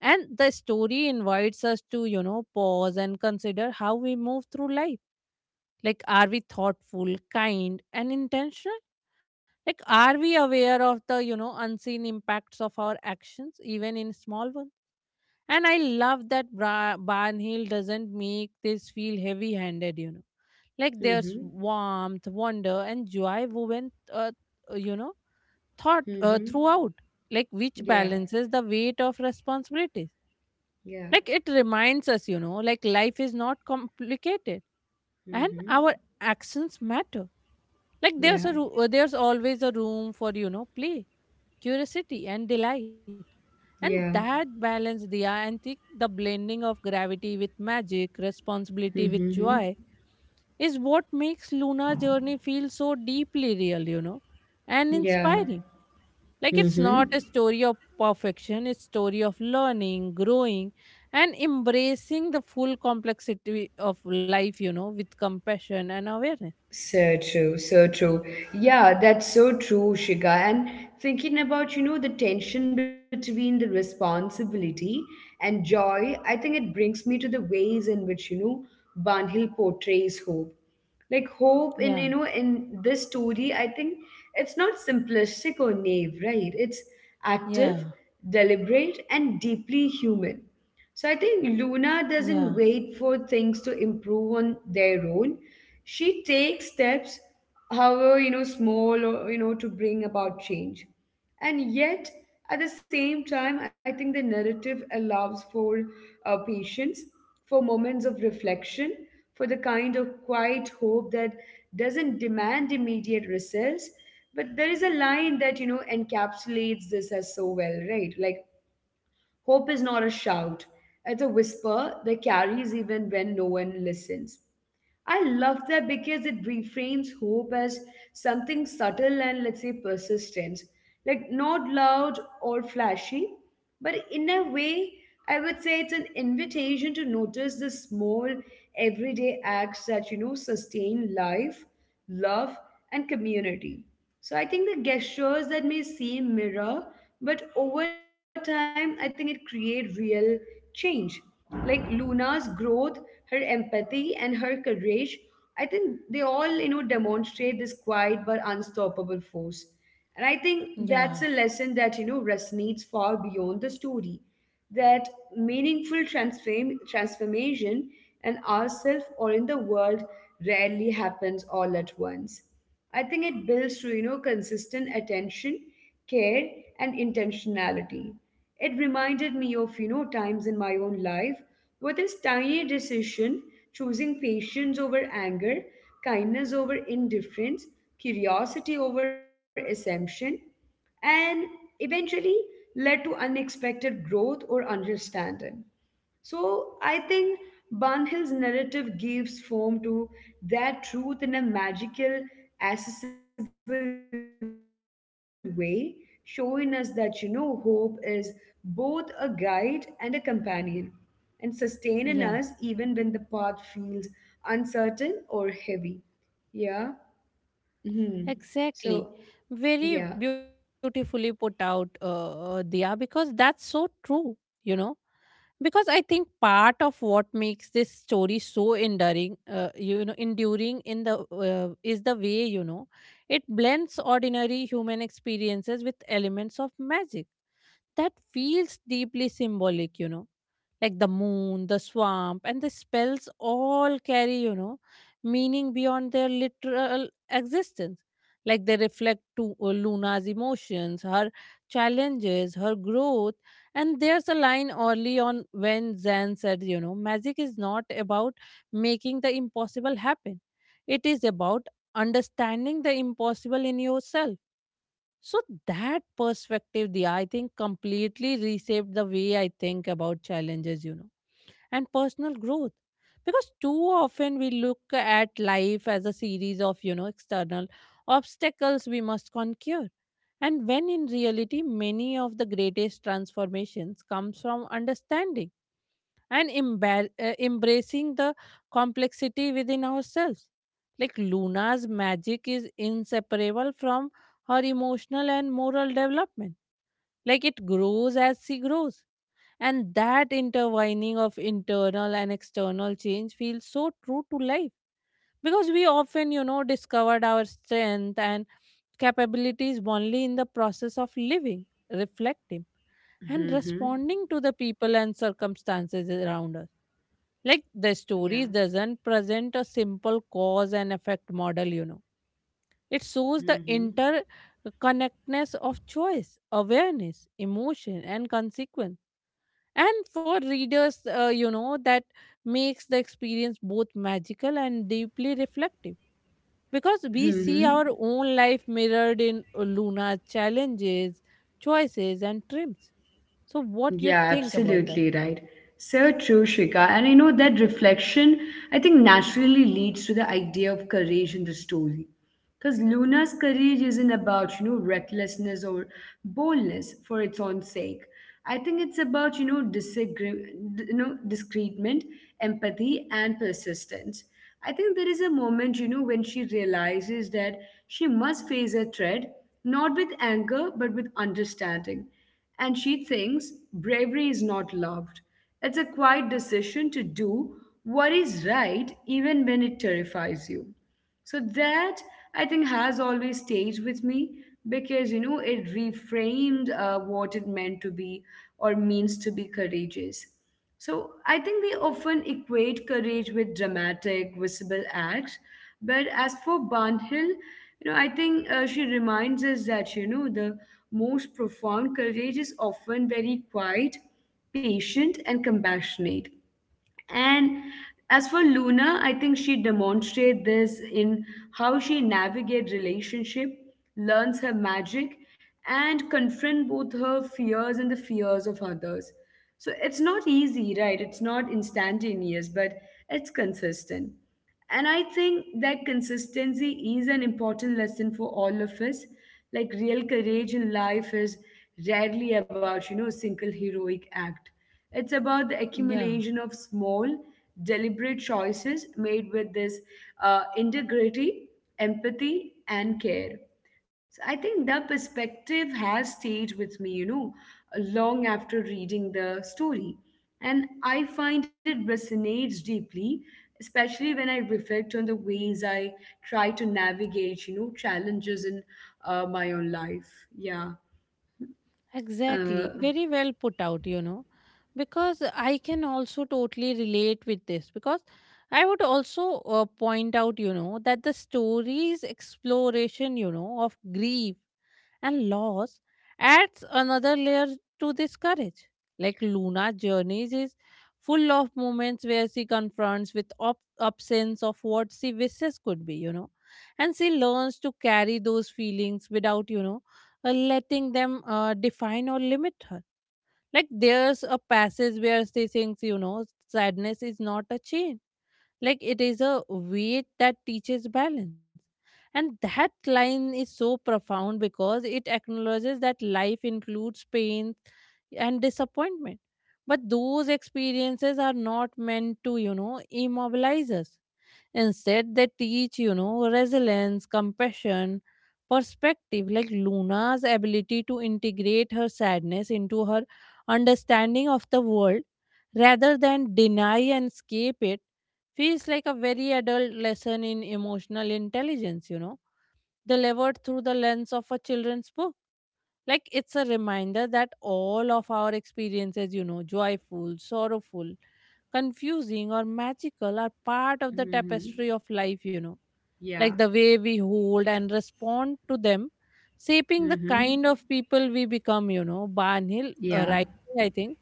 Speaker 2: And the story invites us to, you know, pause and consider how we move through life. Like, are we thoughtful, kind, and intentional? Like, are we aware of the, you know, unseen impacts of our actions, even in small ones? And I love that Barnhill doesn't make this feel heavy handed, you know. Like, there's
Speaker 1: Mm-hmm.
Speaker 2: warmth, wonder, and joy woven, you know, thought
Speaker 1: Mm-hmm.
Speaker 2: throughout, like, which
Speaker 1: Yeah.
Speaker 2: balances the weight of responsibilities.
Speaker 1: Yeah.
Speaker 2: Like, it reminds us, you know, like life is not complicated and our
Speaker 1: Mm-hmm.
Speaker 2: actions matter. Like,
Speaker 1: Yeah.
Speaker 2: there's always a room for, you know, play, curiosity and delight. And
Speaker 1: Yeah.
Speaker 2: that balance, Dia, and think the blending of gravity with magic, responsibility with
Speaker 1: Mm-hmm.
Speaker 2: joy, is what makes Luna's journey feel so deeply real, you know, and
Speaker 1: Yeah.
Speaker 2: inspiring. Like, it's not a
Speaker 1: Mm-hmm.
Speaker 2: story of perfection. It's story of learning, growing, and embracing the full complexity of life, you know, with compassion and awareness.
Speaker 1: So true, so true. Yeah, that's so true, Shika. And thinking about, you know, the tension between the responsibility and joy, I think it brings me to the ways in which, you know, Banhil portrays hope. Like hope
Speaker 2: Yeah,
Speaker 1: in, you know, in this story, I think it's not simplistic or naive, right? It's
Speaker 2: yeah,
Speaker 1: active, deliberate, and deeply human. So I think Luna
Speaker 2: yeah,
Speaker 1: doesn't wait for things to improve on their own. She takes steps, however, you know, small or, you know, to bring about change. And yet, at the same time, I think the narrative allows for patience, for moments of reflection, for the kind of quiet hope that doesn't demand immediate results. But there is a line that, you know, encapsulates this as so well, right? Like, hope is not a shout, it's a whisper that carries even when no one listens. I love that because it reframes hope as something subtle and, let's say, persistent. Like, not loud or flashy, but in a way, I would say it's an invitation to notice the small, everyday acts that, you know, sustain life, love, and community. So I think the gestures that may seem mirror, but over time, I think it create real change. Like Luna's growth, her empathy, and her courage, I think they all, you know, demonstrate this quiet but unstoppable force. And I think that's a
Speaker 2: yeah,
Speaker 1: lesson that, you know, resonates far beyond the story. That meaningful transformation in ourselves or in the world rarely happens all at once. I think it builds through, you know, consistent attention, care, and intentionality. It reminded me of, you know, times in my own life where this tiny decision, choosing patience over anger, kindness over indifference, curiosity over assumption, and eventually led to unexpected growth or understanding. So I think Barnhill's narrative gives form to that truth in a magical, accessible way, showing us that, you know, hope is both a guide and a companion, and sustaining us even when the path
Speaker 2: yeah.
Speaker 1: feels uncertain or heavy. Yeah. hmm So
Speaker 2: Exactly.
Speaker 1: yeah.
Speaker 2: Very beautifully put out, Dia, because that's so true, you know. Because I think part of what makes this story so enduring, you know, enduring in the is the way, you know, it blends ordinary human experiences with elements of magic that feels deeply symbolic, you know. Like, the moon, the swamp, and the spells all carry, you know, meaning beyond their literal existence. Like, they reflect to Luna's emotions, her challenges, her growth. And there's a line early on when Zan said, you know, magic is not about making the impossible happen, it is about understanding the impossible in yourself. So that perspective, the I think completely reshaped the way I think about challenges, you know, and personal growth. Because too often we look at life as a series of, you know, external obstacles we must conquer. And when in reality, many of the greatest transformations comes from understanding and embracing the complexity within ourselves. Like, Luna's magic is inseparable from her emotional and moral development. Like, it grows as she grows. And that intertwining of internal and external change feels so true to life, because we often, you know, discovered our strength and capabilities only in the process of living, reflecting, and
Speaker 1: hmm
Speaker 2: responding to the people and circumstances around us. Like, the
Speaker 1: Yeah.
Speaker 2: story doesn't present a simple cause and effect model, you know. It shows the
Speaker 1: hmm
Speaker 2: interconnectedness of choice, awareness, emotion, and consequence. And for readers, you know, that makes the experience both magical and deeply reflective, because we see
Speaker 1: hmm
Speaker 2: our own life mirrored in Luna's challenges, choices, and trims. So, what you
Speaker 1: Yeah,
Speaker 2: think about that?
Speaker 1: absolutely right. So true, Shika. And you know that reflection, I think, naturally leads to the idea of courage in the story. Because Luna's courage isn't about, you know, recklessness or boldness for its own sake. I think it's about, you know, disagree, you know, discernment, empathy, and persistence. I think there is a moment, you know, when she realizes that she must face a threat, not with anger, but with understanding. And she thinks bravery is not loved. It's a quiet decision to do what is right even when it terrifies you. So that I think has always stayed with me because, you know, it reframed what it meant to be or means to be courageous. So I think we often equate courage with dramatic, visible acts. But as for Barnhill, you know, I think she reminds us that, you know, the most profound courage is often very quiet, patient, and compassionate. And as for Luna, I think she demonstrates this in how she navigates relationship, learns her magic, and confront both her fears and the fears of others. So it's not easy, right? It's not instantaneous, but it's consistent. And I think that consistency is an important lesson for all of us. Like real courage in life is rarely about, a single heroic act. It's about the
Speaker 2: Yeah.
Speaker 1: accumulation of small, deliberate choices made with this integrity, empathy, and care. So I think the perspective has stayed with me, long after reading the story. And I find it resonates deeply, especially when I reflect on the ways I try to navigate, challenges in my own life. Yeah.
Speaker 2: Exactly.
Speaker 1: Uh,
Speaker 2: Very well put out, you know, because I can also totally relate with this. Because I would also point out, you know, that the story's exploration, you know, of grief and loss adds another layer to this courage. Like, Luna's journeys is full of moments where she confronts with absence of what she wishes could be, you know, and she learns to carry those feelings without, you know, letting them define or limit her. Like, there's a passage where she thinks, you know, sadness is not a change, like it is a weight that teaches balance. And that line is so profound because it acknowledges that life includes pain and disappointment, but those experiences are not meant to, you know, immobilize us. Instead they teach, you know, resilience, compassion, perspective. Like, Luna's ability to integrate her sadness into her understanding of the world, rather than deny and escape it, feels like a very adult lesson in emotional intelligence, you know, delivered through the lens of a children's book. Like, it's a reminder that all of our experiences, you know, joyful, sorrowful, confusing, or magical, are part of the
Speaker 1: mhm.
Speaker 2: tapestry of life, you know, like the
Speaker 1: Yeah.
Speaker 2: way we hold and respond to them, shaping the
Speaker 1: Hmm.
Speaker 2: kind of people we become, you know. Barnhill,
Speaker 1: Yeah.
Speaker 2: right, I think,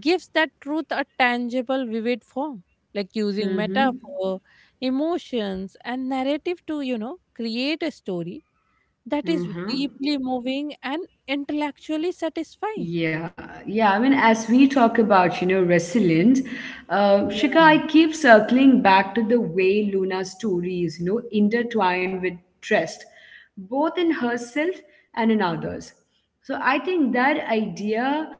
Speaker 2: gives that truth a tangible, vivid form, like using
Speaker 1: Hmm.
Speaker 2: metaphor, emotions, and narrative to, create a story that is deeply
Speaker 1: Hmm.
Speaker 2: moving and intellectually satisfying.
Speaker 1: Yeah, yeah. I mean, as we talk about, resilience, Shika,
Speaker 2: Yeah.
Speaker 1: I keep circling back to the way Luna's story is, intertwined with trust, both in herself and in others. So I think that idea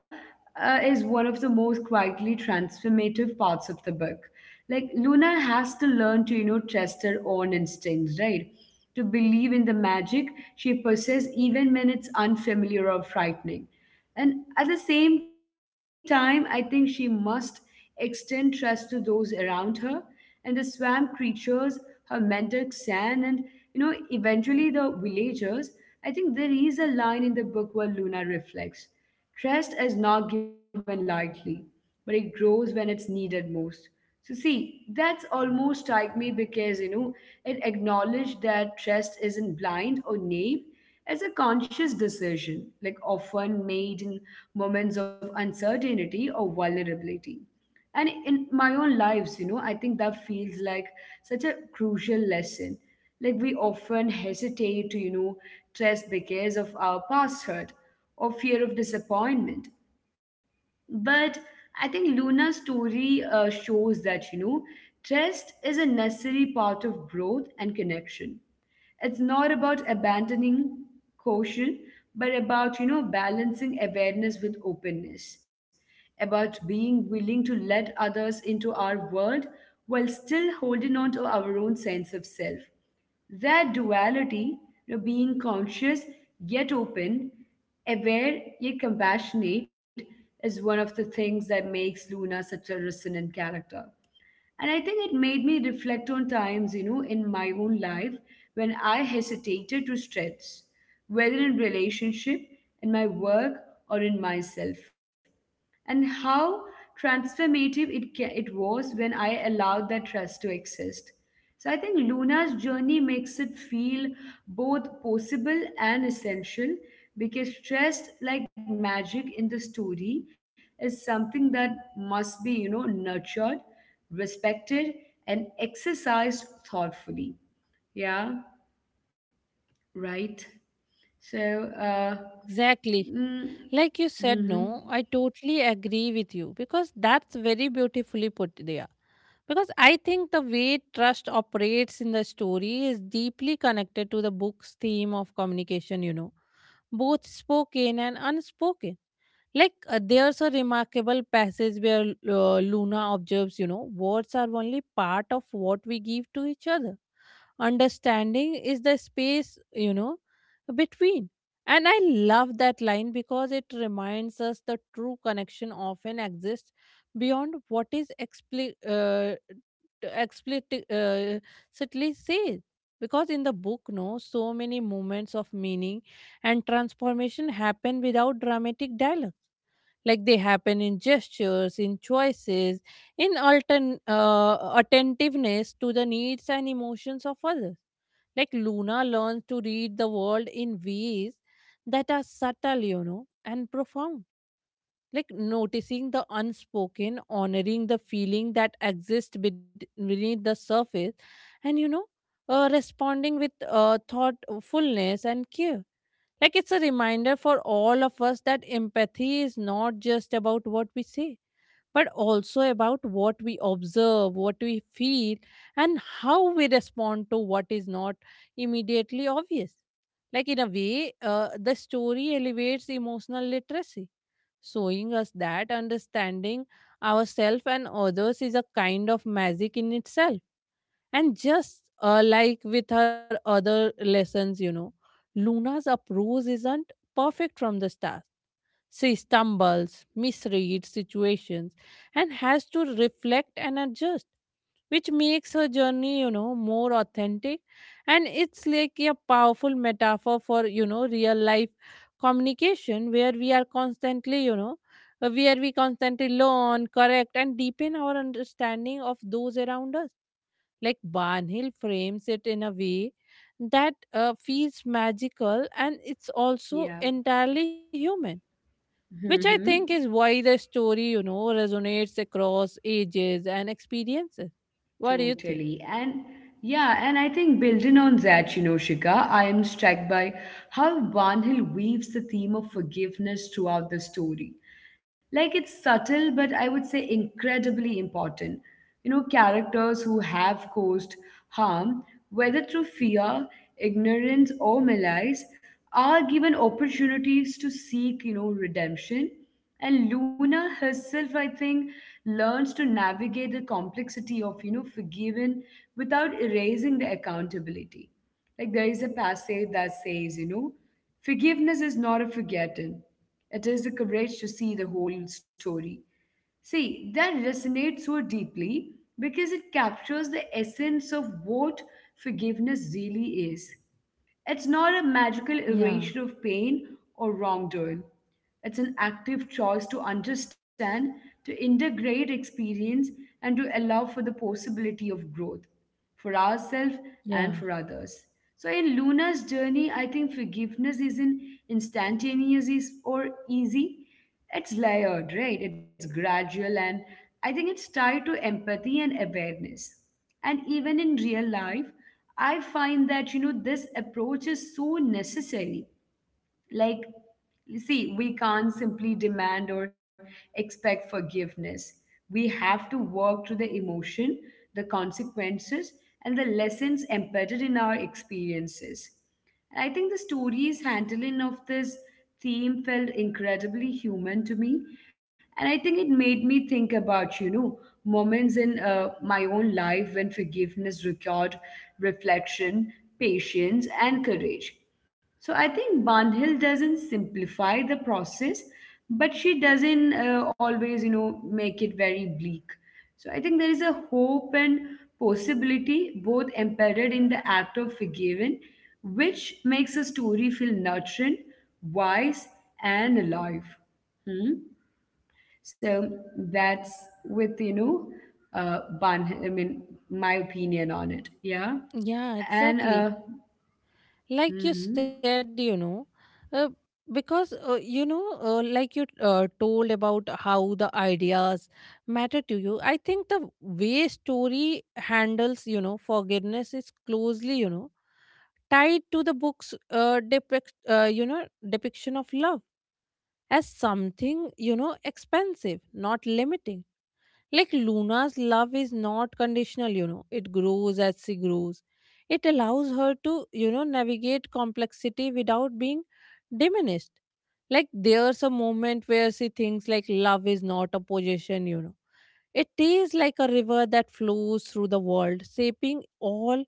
Speaker 1: is one of the most quietly transformative parts of the book. Like Luna has to learn to, trust her own instincts, right? To believe in the magic she possesses, even when it's unfamiliar or frightening. And at the same time, I think she must extend trust to those around her and the swamp creatures, her mentor Xan, and you know, eventually the villagers. I think there is a line in the book where Luna reflects. Trust is not given lightly, but it grows when it's needed most. So see, that's almost like me because you know it acknowledged that trust isn't blind or naive. It's a conscious decision, like often made in moments of uncertainty or vulnerability, and in my own lives you know I think that feels like such a crucial lesson. Like we often hesitate to trust because of our past hurt or fear of disappointment. But I think Luna's story shows that, trust is a necessary part of growth and connection. It's not about abandoning caution, but about, balancing awareness with openness, about being willing to let others into our world while still holding on to our own sense of self. That duality, you know, being conscious yet open, aware yet compassionate, is one of the things that makes Luna such a resonant character. And I think it made me reflect on times, in my own life when I hesitated to stretch, whether in relationship, in my work, or in myself and how transformative it was when I allowed that trust to exist. So I think Luna's journey makes it feel both possible and essential because trust, like magic in the story, is something that must be you know nurtured, respected, and exercised thoughtfully. Yeah, right. So,
Speaker 2: Exactly.
Speaker 1: mm,
Speaker 2: Like you said,
Speaker 1: hmm,
Speaker 2: no, I totally agree with you because that's very beautifully put there. Because I think the way trust operates in the story is deeply connected to the book's theme of communication, you know, both spoken and unspoken. Like, there's a remarkable passage where Luna observes, you know, words are only part of what we give to each other. Understanding is the space, you know, between. And I love that line because it reminds us the true connection often exists beyond what is explicit certainly said, because in the book no so many moments of meaning and transformation happen without dramatic dialogue, like they happen in gestures, in choices, in attentiveness to the needs and emotions of others. Like Luna learns to read the world in ways that are subtle, you know, and profound, like noticing the unspoken, honoring the feeling that exists beneath the surface and responding with thoughtfulness and care. Like it's a reminder for all of us that empathy is not just about what we say, but also about what we observe, what we feel, and how we respond to what is not immediately obvious. Like in a way, the story elevates emotional literacy, showing us that understanding ourselves and others is a kind of magic in itself. And just like with her other lessons, you know, Luna's approach isn't perfect from the start. She stumbles, misreads situations, and has to reflect and adjust, which makes her journey, you know, more authentic. And it's like a powerful metaphor for, you know, real life communication where we are constantly, you know, where we constantly learn, correct, and deepen our understanding of those around us. Like Barnhill frames it in a way that feels magical, and it's also
Speaker 1: yeah.
Speaker 2: entirely human, which I
Speaker 1: Mm-hmm.
Speaker 2: think is why the story, you know, resonates across ages and experiences. What do you
Speaker 1: Totally.
Speaker 2: think?
Speaker 1: And yeah, and I think building on that, Shika, I am struck by how Vanhil weaves the theme of forgiveness throughout the story. Like it's subtle, but I would say incredibly important. You know, characters who have caused harm, whether through fear, ignorance, or malice, are given opportunities to seek, redemption and Luna herself, I think, learns to navigate the complexity of, forgiven without erasing the accountability. Like there is a passage that says, forgiveness is not a forgotten. It is the courage to see the whole story. See, that resonates so deeply because it captures the essence of what forgiveness really is. It's not a magical
Speaker 2: Yeah.
Speaker 1: erasure of pain or wrongdoing. It's an active choice to understand, to integrate experience, and to allow for the possibility of growth for ourselves
Speaker 2: Yeah.
Speaker 1: and for others. So, in Luna's journey, I think forgiveness isn't instantaneous is- or easy. It's layered, right? It's gradual, and I think it's tied to empathy and awareness. And even in real life, I find that you know this approach is so necessary like, see, we can't simply demand or expect forgiveness. We have to work through the emotion, the consequences, and the lessons embedded in our experiences. And I think the story's handling of this theme felt incredibly human to me. And I think it made me think about, moments in my own life when forgiveness required reflection, patience, and courage. So I think Bandhil doesn't simplify the process, but she doesn't always, make it very bleak. So I think there is a hope and possibility both embedded in the act of forgiving, which makes a story feel nurturing, wise, and alive. Hmm? So that's with, Bandhil, I mean, my opinion on it. Yeah.
Speaker 2: Yeah,
Speaker 1: And,
Speaker 2: exactly. Like you said,
Speaker 1: mhm,
Speaker 2: uh, because like you told about how the ideas matter to you. I think the way story handles, you know, forgiveness is closely, you know, tied to the book's you know, depiction of love as something, you know, expensive, not limiting. Like Luna's love is not conditional, you know, it grows as she grows. It allows her to, you know, navigate complexity without being diminished. Like there's a moment where she thinks, like, love is not a possession, you know. It is like a river that flows through the world, shaping all,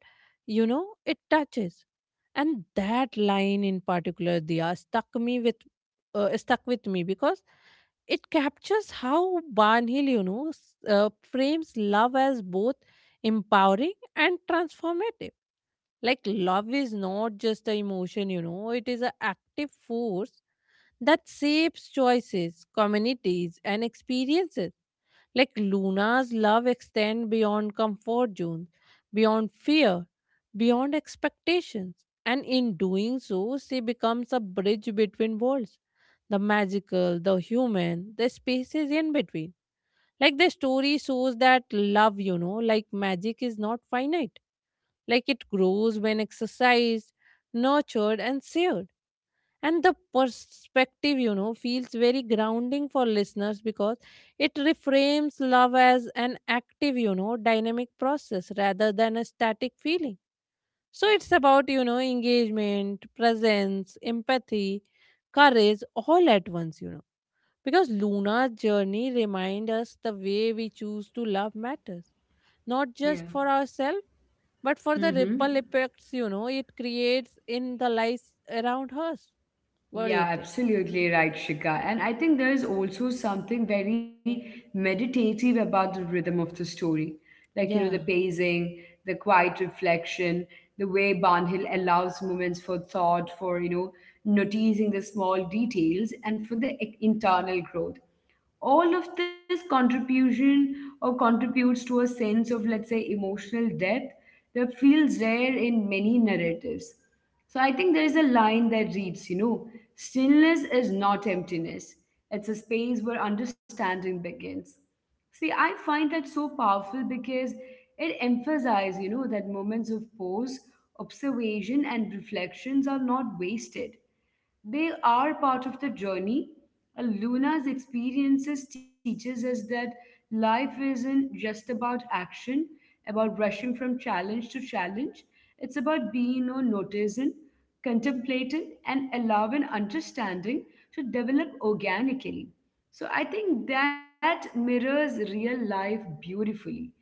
Speaker 2: you know, it touches. And that line in particular, Dia, stuck with me because it captures how Barnhill, you know, frames love as both empowering and transformative. Like love is not just an emotion, you know, it is an active force that shapes choices, communities, and experiences. Like Luna's love extends beyond comfort zones, beyond fear, beyond expectations, and in doing so, she becomes a bridge between worlds, the magical, the human, the spaces in between. Like the story shows that love, you know, like magic, is not finite. Like it grows when exercised, nurtured, and shared. And the perspective, you know, feels very grounding for listeners because it reframes love as an active, you know, dynamic process rather than a static feeling. So it's about, you know, engagement, presence, empathy, courage, all at once, you know. Because Luna's journey reminds us the way we choose to love matters, not
Speaker 1: yeah.
Speaker 2: just for ourselves, but for the ripple effects, you know, it creates in the lives around us. What do you
Speaker 1: Yeah,
Speaker 2: think?
Speaker 1: absolutely right, Shika. And I think there is also something very meditative about the rhythm of the story. Like,
Speaker 2: Yeah,
Speaker 1: the pacing, the quiet reflection, the way Barnhill allows moments for thought, for, noticing the small details and for the internal growth, all of this contribution or contributes to a sense of, let's say, emotional depth that feels rare in many narratives. So I think there is a line that reads you know stillness is not emptiness, it's a space where understanding begins. See, I find that so powerful because it emphasizes you know that moments of pause, observation and reflections are not wasted, they are part of the journey. And Luna's experiences teaches us that life isn't just about action, about rushing from challenge to challenge. It's about being or noticing, contemplating, and allowing understanding to develop organically. So I think that mirrors real life beautifully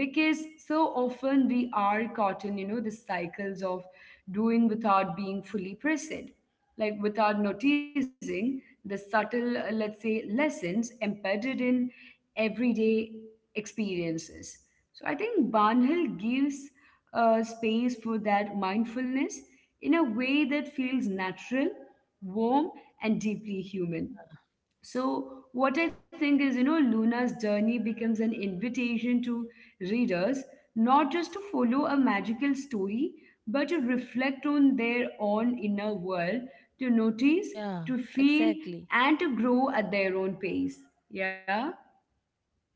Speaker 1: because so often we are caught in, the cycles of doing without being fully present, like without noticing the subtle, let's say, lessons embedded in everyday experiences. So I think Banhil gives space for that mindfulness in a way that feels natural, warm, and deeply human. So, what I think is, Luna's journey becomes an invitation to readers not just to follow a magical story, but to reflect on their own inner world,
Speaker 2: yeah,
Speaker 1: to notice,
Speaker 2: Exactly.
Speaker 1: to feel, and to grow at their own pace. Yeah?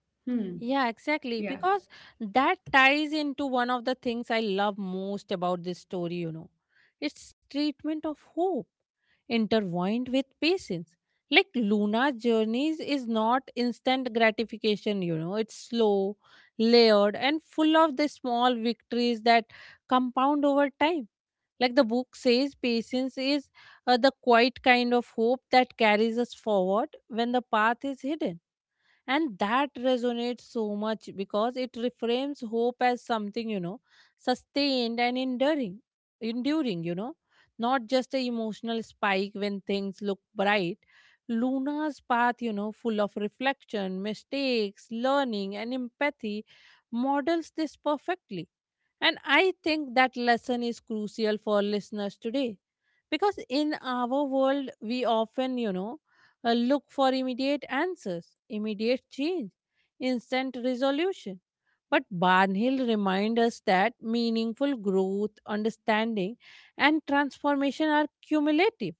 Speaker 1: Hmm.
Speaker 2: Yeah, exactly.
Speaker 1: Yeah.
Speaker 2: Because that ties into one of the things I love most about this story, you know. It's treatment of hope intertwined with patience. Like Luna's journeys is not instant gratification, you know, it's slow, layered, and full of the small victories that compound over time. Like the book says, patience is the quiet kind of hope that carries us forward when the path is hidden. And that resonates so much because it reframes hope as something, you know, sustained and enduring, you know, not just a emotional spike when things look bright. Luna's path, you know, full of reflection, mistakes, learning, and empathy, models this perfectly. And I think that lesson is crucial for listeners today because in our world, we often, look for immediate answers, immediate change, instant resolution. But Barnhill reminds us that meaningful growth, understanding, and transformation are cumulative,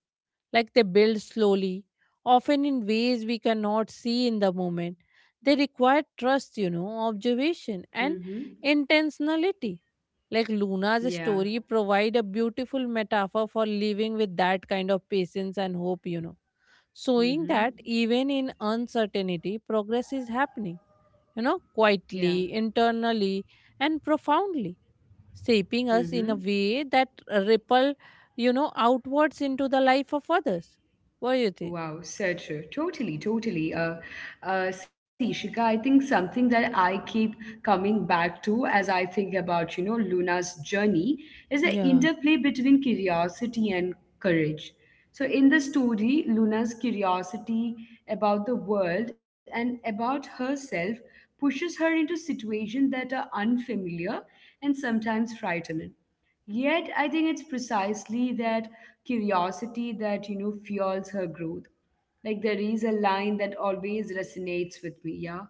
Speaker 2: like they build slowly, often in ways we cannot see in the moment. They require trust, you know, observation, and
Speaker 1: Mm-hmm.
Speaker 2: intentionality. Like Luna's
Speaker 1: Yeah.
Speaker 2: story provide a beautiful metaphor for living with that kind of patience and hope, you know, showing that
Speaker 1: Mm-hmm.
Speaker 2: even in uncertainty, progress is happening, you know,
Speaker 1: Yeah.
Speaker 2: quietly, internally, and profoundly shaping us in a
Speaker 1: Mm-hmm.
Speaker 2: way that ripple, you know, outwards into the life of others. What do you think?
Speaker 1: Wow, so true. Totally, totally. See, Shika, I think something that I keep coming back to as I think about, Luna's journey is the
Speaker 2: Yeah,
Speaker 1: interplay between curiosity and courage. So, in the story, Luna's curiosity about the world and about herself pushes her into situations that are unfamiliar and sometimes frightening. Yet, I think it's precisely that curiosity that, fuels her growth. Like, there is a line that always resonates with me, yeah?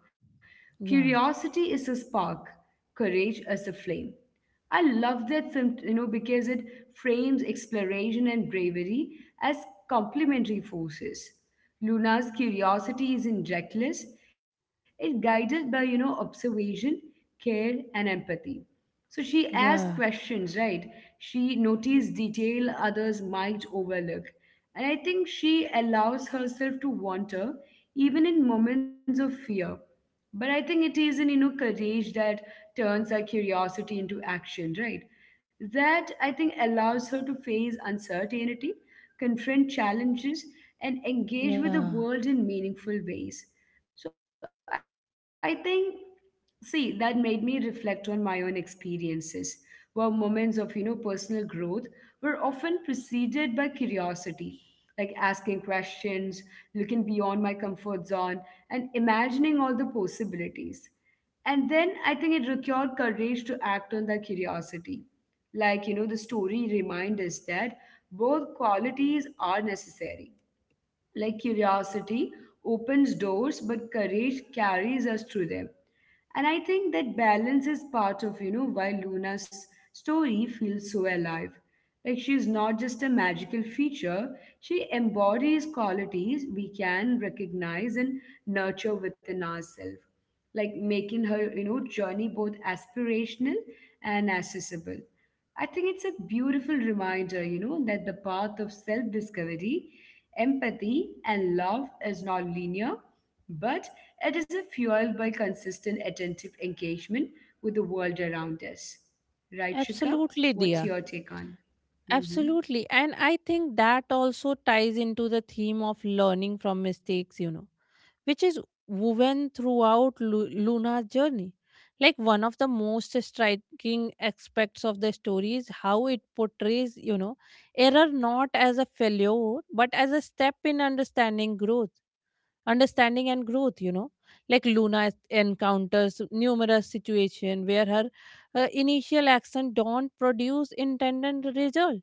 Speaker 2: yeah,
Speaker 1: Curiosity is a spark, courage is a flame. I love that, you know, because it frames exploration and bravery as complementary forces. Luna's curiosity isn't reckless, it's guided by, observation, care, and empathy. So she asked
Speaker 2: yeah,
Speaker 1: questions, right? She noticed detail others might overlook. And I think she allows herself to wander even in moments of fear. But I think it is in you know courage that turns her curiosity into action, right? That I think allows her to face uncertainty, confront challenges, and engage with the
Speaker 2: yeah.
Speaker 1: world in meaningful ways. So I think See, that made me reflect on my own experiences, where moments of, personal growth were often preceded by curiosity, like asking questions, looking beyond my comfort zone, and imagining all the possibilities. And then I think it required courage to act on that curiosity. Like, the story reminds us that both qualities are necessary, like curiosity opens doors, but courage carries us through them. And I think that balance is part of, why Luna's story feels so alive. Like she's not just a magical feature, she embodies qualities we can recognize and nurture within ourselves, like making her, journey both aspirational and accessible. I think it's a beautiful reminder, that the path of self discovery, empathy, and love is not linear, but it is fueled by consistent attentive engagement with the world around us. Right, Shika?
Speaker 2: Absolutely,
Speaker 1: What's
Speaker 2: dear.
Speaker 1: your take on? Hmm.
Speaker 2: Absolutely. And I think that also ties into the theme of learning from mistakes, you know, which is woven throughout Luna's journey. Like one of the most striking aspects of the story is how it portrays, you know, error not as a failure, but as a step in understanding and growth, you know. Like Luna encounters numerous situations where her initial action don't produce intended result,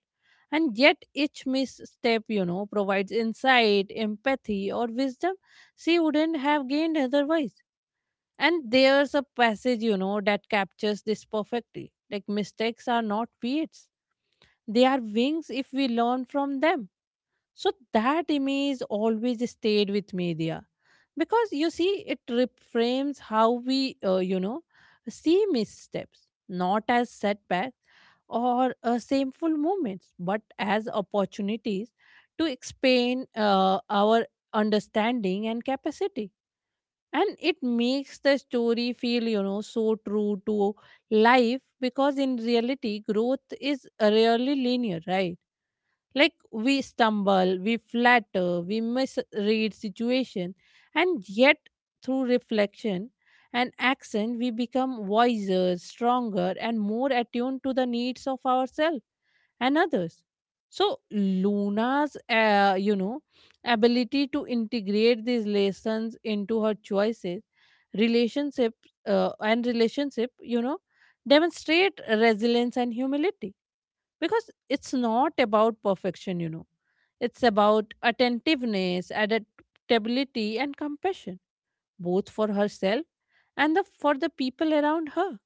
Speaker 2: and yet, each misstep, you know, provides insight, empathy, or wisdom she wouldn't have gained otherwise. And there's a passage, you know, that captures this perfectly. Like, mistakes are not weights, they are wings if we learn from them. So, that image always stayed with me there, because you see it reframes how we, you know, see missteps not as setbacks or shameful moments, but as opportunities to expand our understanding and capacity. And it makes the story feel, you know, so true to life because in reality growth is rarely linear, right? Like we stumble, we flatter, we misread situation, and yet through reflection and action we become wiser, stronger, and more attuned to the needs of ourselves and others. So Luna's, you know, ability to integrate these lessons into her choices, relationship and relationship, you know, demonstrate resilience and humility, because it's not about perfection, you know. It's about attentiveness, adaptability, and compassion, both for herself and for the people around her.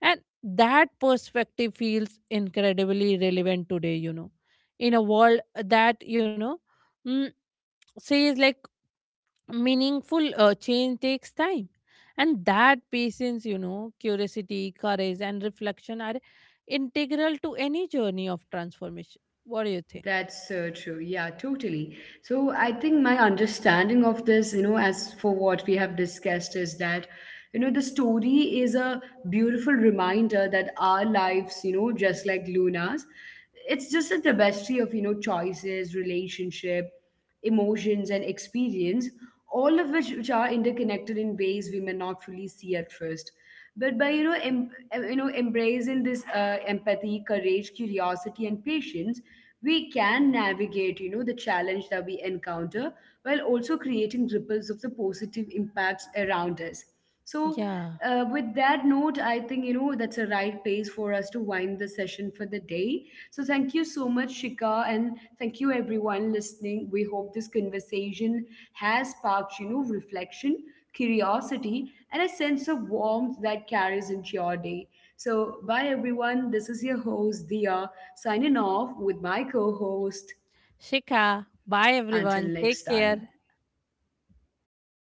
Speaker 2: And that perspective feels incredibly relevant today, you know, in a world that, you know, mm, says like meaningful change takes time, and that patience, you know, curiosity, courage, and reflection are integral to any journey of transformation. What do you think?
Speaker 1: That's so true. Yeah, totally. So I think my understanding of this, as for what we have discussed, is that, the story is a beautiful reminder that our lives, just like Luna's, it's just a tapestry of, choices, relationship, emotions and experience, all of which are interconnected in ways we may not fully see at first, but by you know you know embracing this empathy, courage, curiosity and patience, we can navigate you know the challenge that we encounter while also creating ripples of the positive impacts around us. So,
Speaker 2: Yeah.
Speaker 1: with that note, I think you know that's a right place for us to wind the session for the day. So, thank you so much, Shika, and thank you everyone listening. We hope this conversation has sparked you know reflection, curiosity, and a sense of warmth that carries into your day. So, bye everyone. This is your host Dia signing off with my co-host.
Speaker 2: Shikha, bye
Speaker 1: Until
Speaker 2: everyone, take
Speaker 1: next
Speaker 2: care.
Speaker 1: time.